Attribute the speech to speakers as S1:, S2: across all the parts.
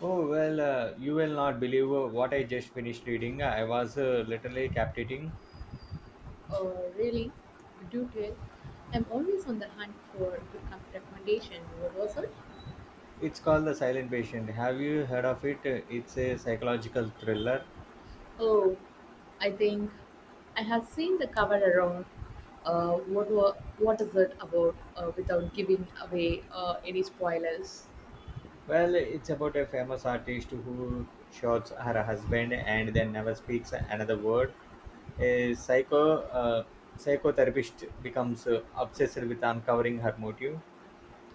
S1: Oh, well, you will not believe what I just finished reading. I was literally captivating.
S2: Uh, Really, do tell. I'm always on the hunt for recommendation. What was it?
S1: It's called The Silent Patient. Have you heard of it? It's a psychological thriller.
S2: Oh, I think I have seen the cover around. What is it about? Without giving away any spoilers.
S1: Well, it's about a famous artist who shoots her husband and then never speaks another word. A psychotherapist becomes obsessed with uncovering her motive.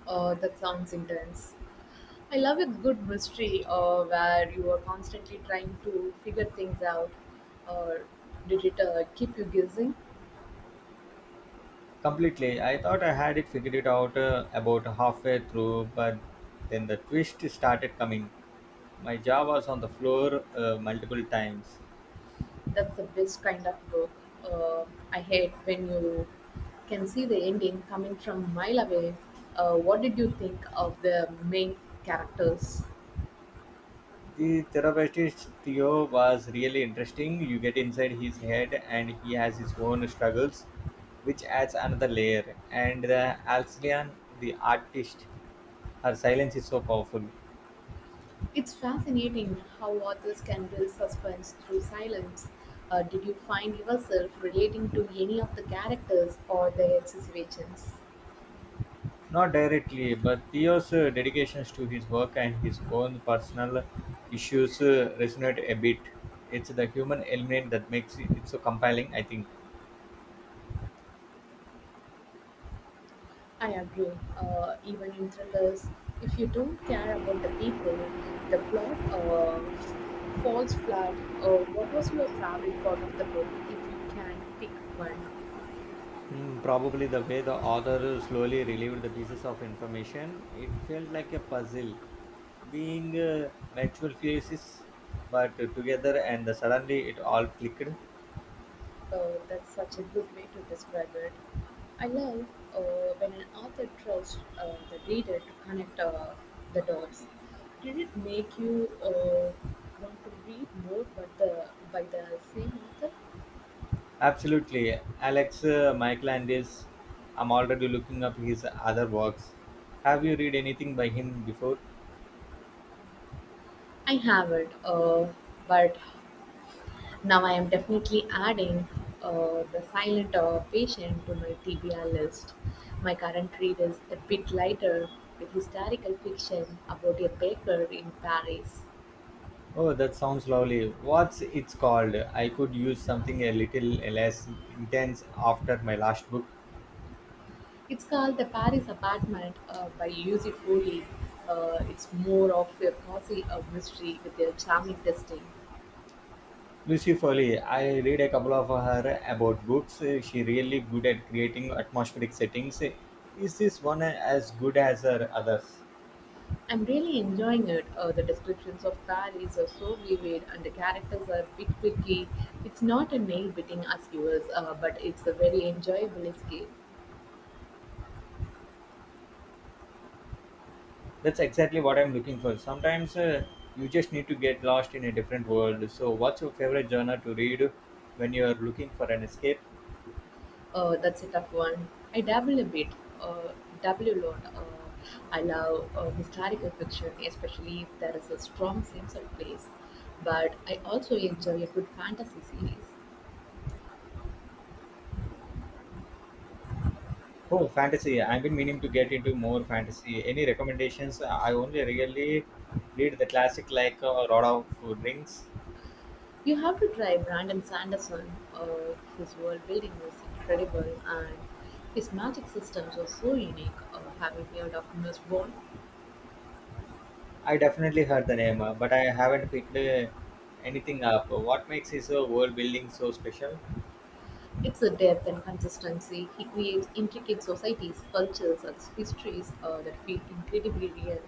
S2: That sounds intense. I love a good mystery where you are constantly trying to figure things out. Uh, did it keep you guessing?
S1: Completely, I thought I had it figured it out about halfway through, but then the twist started coming. My jaw was on the floor multiple times.
S2: That's the best kind of book. Uh, I hate when you can see the ending coming from a mile away. What did you think of the main characters?
S1: The therapist Theo was really interesting. You get inside his head, and he has his own struggles, which adds another layer. And the Alcyon, the artist, her silence is so powerful.
S2: It's fascinating how authors can build suspense through silence. Did you find yourself relating to any of the characters or their situations?
S1: Not directly, but Theo's dedications to his work and his own personal issues resonate a bit. It's the human element that makes it so compelling, I think.
S2: I agree. Even in thrillers, if you don't care about the people, the plot falls flat. What was your favorite part of the book, if you can pick one?
S1: Mm, probably the way the author slowly relieved the pieces of information, it felt like a puzzle, being multiple pieces but together, and suddenly it all clicked.
S2: That's such a good way to describe it. I love when an author trusts the reader to connect the dots. Did it make you want to read more by the same author?
S1: Absolutely, Alex Michaelandis. I'm already looking up his other works. Have you read anything by him before?
S2: I haven't, but now I am definitely adding the silent patient to my TBR list. My current read is a bit lighter with historical fiction about a baker in Paris.
S1: Oh, that sounds lovely. What's it's called? I could use something a little less intense after my last book.
S2: It's called The Paris Apartment by Yusuf Foley. It's more of a cozy mystery with a charming testing.
S1: Lucy Foley, I read a couple of her about books. She really good at creating atmospheric settings. Is this one as good as her others?
S2: I'm really enjoying it. The descriptions of Paris are so vivid, and the characters are bit quirky. It's not a nail-biting as yours, but it's a very enjoyable escape.
S1: That's exactly what I'm looking for. Sometimes you just need to get lost in a different world. So, what's your favorite genre to read when you're looking for an escape?
S2: That's a tough one. I dabble a bit, uh, dabble a lot. I love historical fiction, especially if there is a strong sense of place. But I also enjoy a good fantasy series.
S1: Oh, fantasy. I've been meaning to get into more fantasy. Any recommendations? I only really read the classic like Lord of Rings.
S2: You have to try Brandon Sanderson. His world building was incredible, and his magic systems were so unique. Having heard of Nussbaum,
S1: I definitely heard the name, but I haven't picked anything up. What makes his world building so special?
S2: it's a depth and consistency. He creates intricate societies, cultures, and histories that feel incredibly real.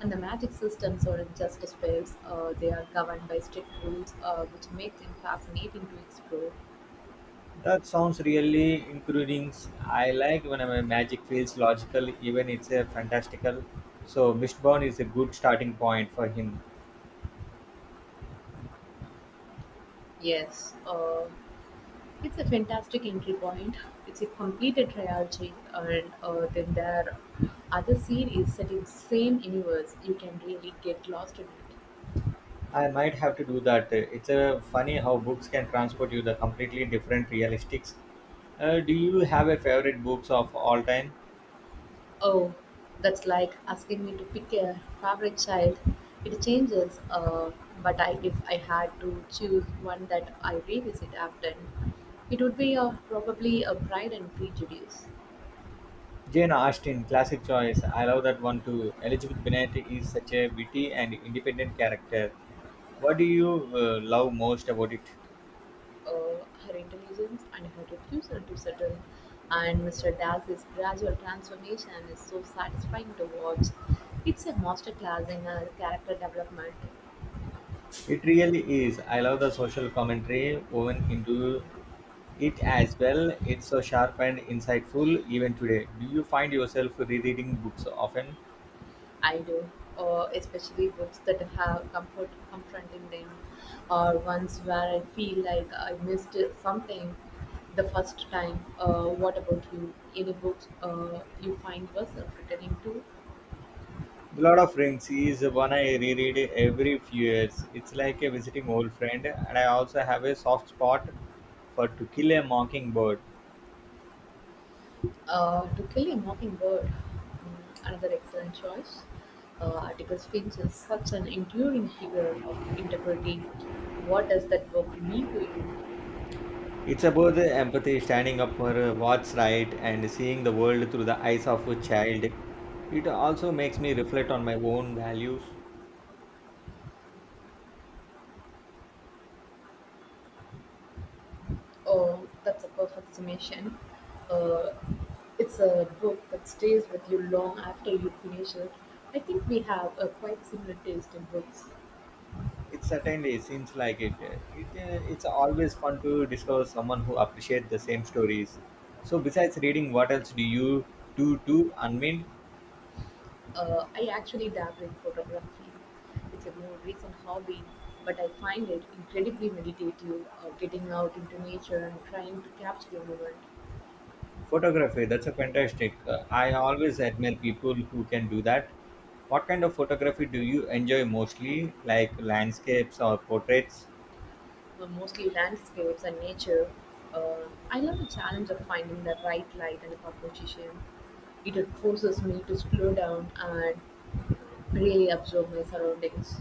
S2: And the magic systems aren't just spells; they are governed by strict rules, which make them fascinating to explore.
S1: That sounds really intriguing. I like when my magic feels logical, even it's a fantastical. So Mistborn is a good starting point for him.
S2: Yes. It's a fantastic entry point. It's a completed trilogy, and then there are other series set in the same universe. You can really get lost in it.
S1: I might have to do that. It's funny how books can transport you the completely different realistics. Do you have a favorite books of all time?
S2: Oh, that's like asking me to pick a favorite child. It changes, but I, if I had to choose one that I revisit often, it would be probably a Pride and Prejudice.
S1: Jane Austen, classic choice. I love that one too. Elizabeth Bennet is such a witty and independent character. What do you love most about it?
S2: Her intelligence and her refusal to settle, and Mr. Dash's gradual transformation is so satisfying to watch. It's a masterclass in character development.
S1: It really is. I love the social commentary woven into it as well. It's so sharp and insightful even today. Do you find yourself rereading books often?
S2: I do, especially books that have comfort confronting them, or ones where I feel like I missed something the first time. What about you? Any books you find yourself returning to?
S1: The Lord of Rings is one I reread every few years. It's like a visiting old friend, and I also have a soft spot for To Kill a Mockingbird.
S2: To Kill a Mockingbird, mm, another excellent choice. Article Finch is such an enduring figure of integrity. What does that book mean to you?
S1: It's about the empathy, standing up for what's right, and seeing the world through the eyes of a child. It also makes me reflect on my own values.
S2: Oh, that's a perfect summation. Uh, it's a book that stays with you long after you finish it. I think we have a quite similar taste in books.
S1: It certainly seems like it. It's always fun to discover someone who appreciates the same stories. So, besides reading, what else do you do to unwind?
S2: I actually dabble in photography. It's a more recent hobby, but I find it incredibly meditative, getting out into nature and trying to capture the moment,
S1: Photography. That's a fantastic. I always admire people who can do that. What kind of photography do you enjoy mostly, like landscapes or portraits?
S2: mostly landscapes and nature. I love the challenge of finding the right light and composition. It forces me to slow down and really absorb my surroundings.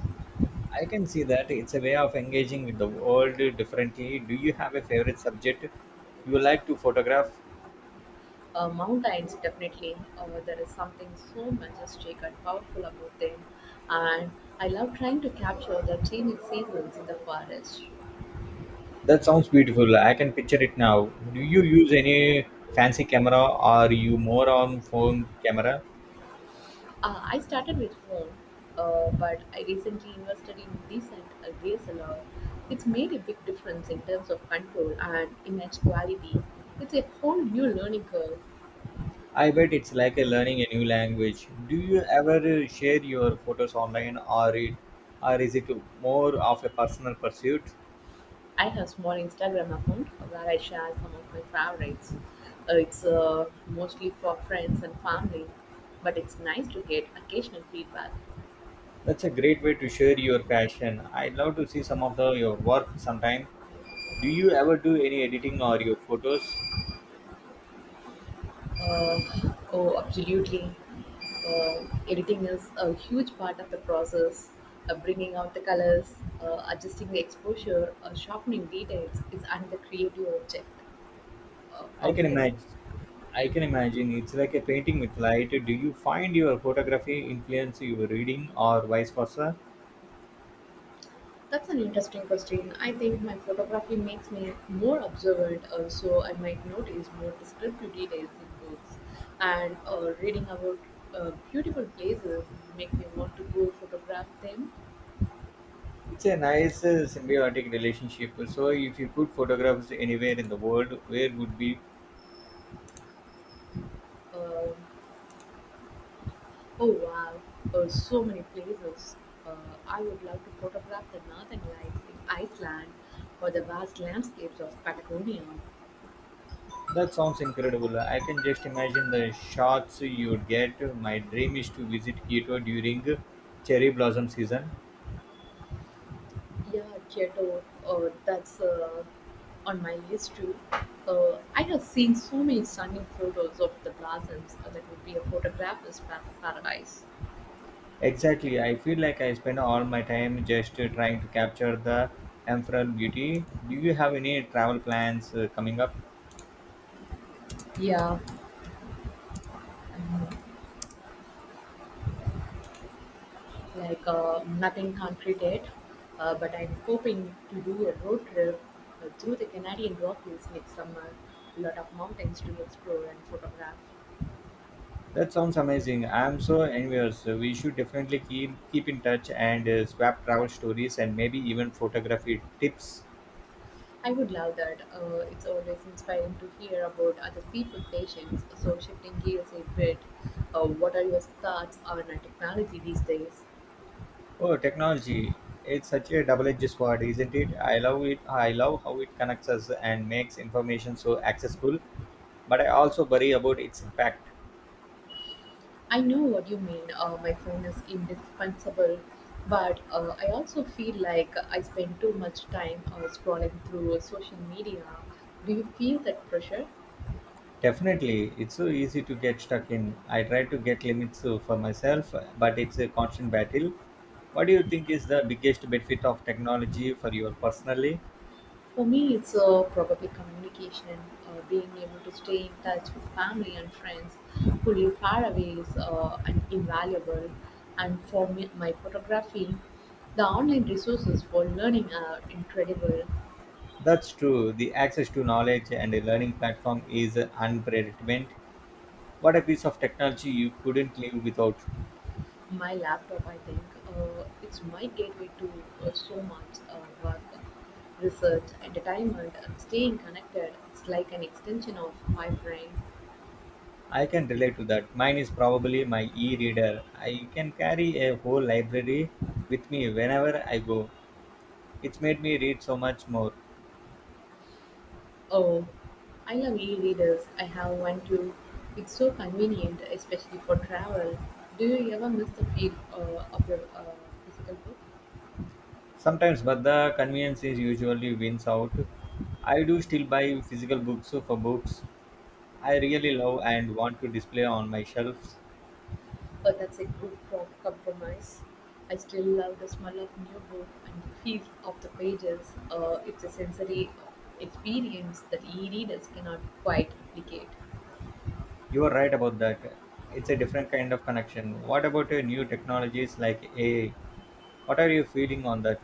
S1: I can see that it's a way of engaging with the world differently. Do you have a favorite subject you like to photograph?
S2: Mountains, definitely. There is something so majestic and powerful about them. And I love trying to capture the changing seasons in the forest.
S1: That sounds beautiful. I can picture it now. Do you use any fancy camera or you more on phone camera?
S2: I started with phone, but I recently invested in decent DSLR. It's made a big difference in terms of control and image quality. It's a whole new learning curve.
S1: I bet it's like a learning a new language. Do you ever share your photos online or is it more of a personal pursuit?
S2: I have a small Instagram account where I share some of my favorites. It's mostly for friends and family, but it's nice to get occasional feedback.
S1: That's a great way to share your passion. I'd love to see some of your work sometime. Do you ever do any editing or your photos?
S2: Oh, absolutely. Editing is a huge part of the process. Bringing out the colors, adjusting the exposure, sharpening details is another creative object
S1: I can
S2: outlet.
S1: imagine. I can imagine. It's like a painting with light. Do you find your photography influence your reading or vice versa?
S2: That's an interesting question. I think my photography makes me more observant, so I might notice more descriptive details in books. And reading about beautiful places make me want to go photograph them.
S1: It's a nice symbiotic relationship. So, if you could photograph anywhere in the world, where would be?
S2: Uh, oh wow, so many places. Uh, I would love to photograph the northern lights in Iceland or the vast landscapes of Patagonia.
S1: That sounds incredible. I can just imagine the shots you would get. My dream is to visit Kyoto during cherry blossom season.
S2: Yeah, Kyoto. That's on my list too. I have seen so many stunning photos of the blossoms. That would be a paradise.
S1: Exactly. I feel like I spend all my time just trying to capture the emerald beauty. Do you have any travel plans coming up?
S2: Yeah, um, like nothing concrete yet, but I'm hoping to do a road trip through the Canadian Rockies next summer. Lot of mountains to explore and photograph.
S1: That sounds amazing. I'm so envious. We should definitely keep in touch and swap travel stories and maybe even photography tips.
S2: I would love that. It's always inspiring to hear about other people's patients. So, shifting gears a bit, what are your thoughts on technology these days?
S1: Oh, technology. It's such a double-edged sword, isn't it? I love it. I love how it connects us and makes information so accessible, but I also worry about its impact.
S2: I know what you mean. My phone is indispensable, but I also feel like I spend too much time scrolling through social media. Do you feel that pressure?
S1: Definitely, it's so easy to get stuck in. I try to get limits for myself, but it's a constant battle. What do you think is the biggest benefit of technology for your personally?
S2: For me, it's probably communication, being able to stay in touch with family and friends who live far away is an invaluable. And for me, my photography, the online resources for learning are incredible.
S1: That's true. The access to knowledge and a learning platform is unpredictable. What a piece of technology you couldn't live without.
S2: My laptop, I think, it's my gateway to so much work, research, entertainment, and staying connected. It's like an extension of my brain.
S1: I can relate to that. Mine is probably my e reader. I can carry a whole library with me whenever I go. It's made me read so much more.
S2: Oh, I love e-readers. I have one too. It's so convenient, especially for travel. Do you ever miss the feel of your physical book?
S1: Sometimes, but the convenience is usually wins out. I do still buy physical books for books I really love and want to display on my shelves.
S2: Oh, that's a good compromise. I still love the smell of new book and the feel of the pages. It's a sensory experience that e-readers cannot quite replicate.
S1: You are right about that. It's a different kind of connection. What about new technologies like AI? What are you feeling on that?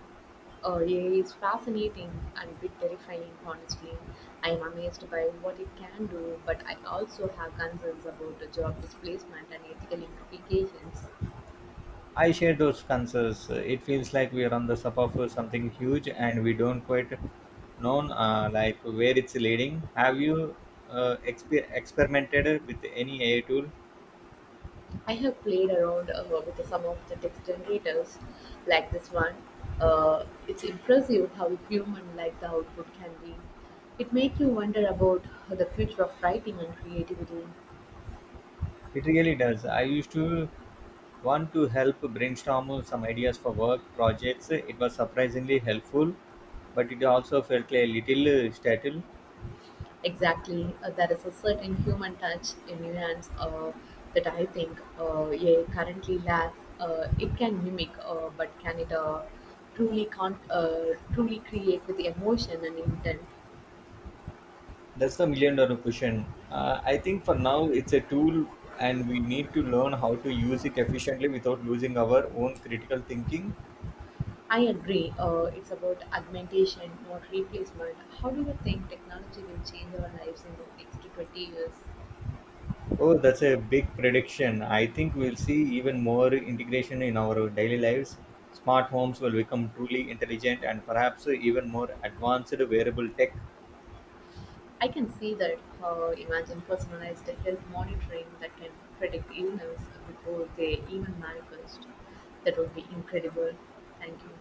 S2: AI is fascinating and a bit terrifying, honestly. I am amazed by what it can do, but I also have concerns about the job displacement and ethical implications.
S1: I share those concerns. It feels like we are on the sub of something huge and we don't quite know like where it's leading. Have you experimented with any AI tool?
S2: I have played around with some of the text generators, like this one. It's impressive how human-like the output can be. It makes you wonder about the future of writing and creativity.
S1: It really does. I used to want to help brainstorm some ideas for work projects. It was surprisingly helpful, but it also felt a little stale.
S2: Exactly, there is a certain human touch in nuance that I think yeah, currently lacks. It can mimic, but can it truly can't truly create with emotion and intent?
S1: That's the million dollar question. I think for now it's a tool and we need to learn how to use it efficiently without losing our own critical thinking.
S2: I agree. It's about augmentation, not replacement. How do you think technology will change our lives in the next 20 years?
S1: Oh, that's a big prediction. I think we'll see even more integration in our daily lives. Smart homes will become truly intelligent and perhaps even more advanced wearable tech.
S2: I can see that. Imagine personalized health monitoring that can predict illness before they even manifest. That would be incredible. Thank you.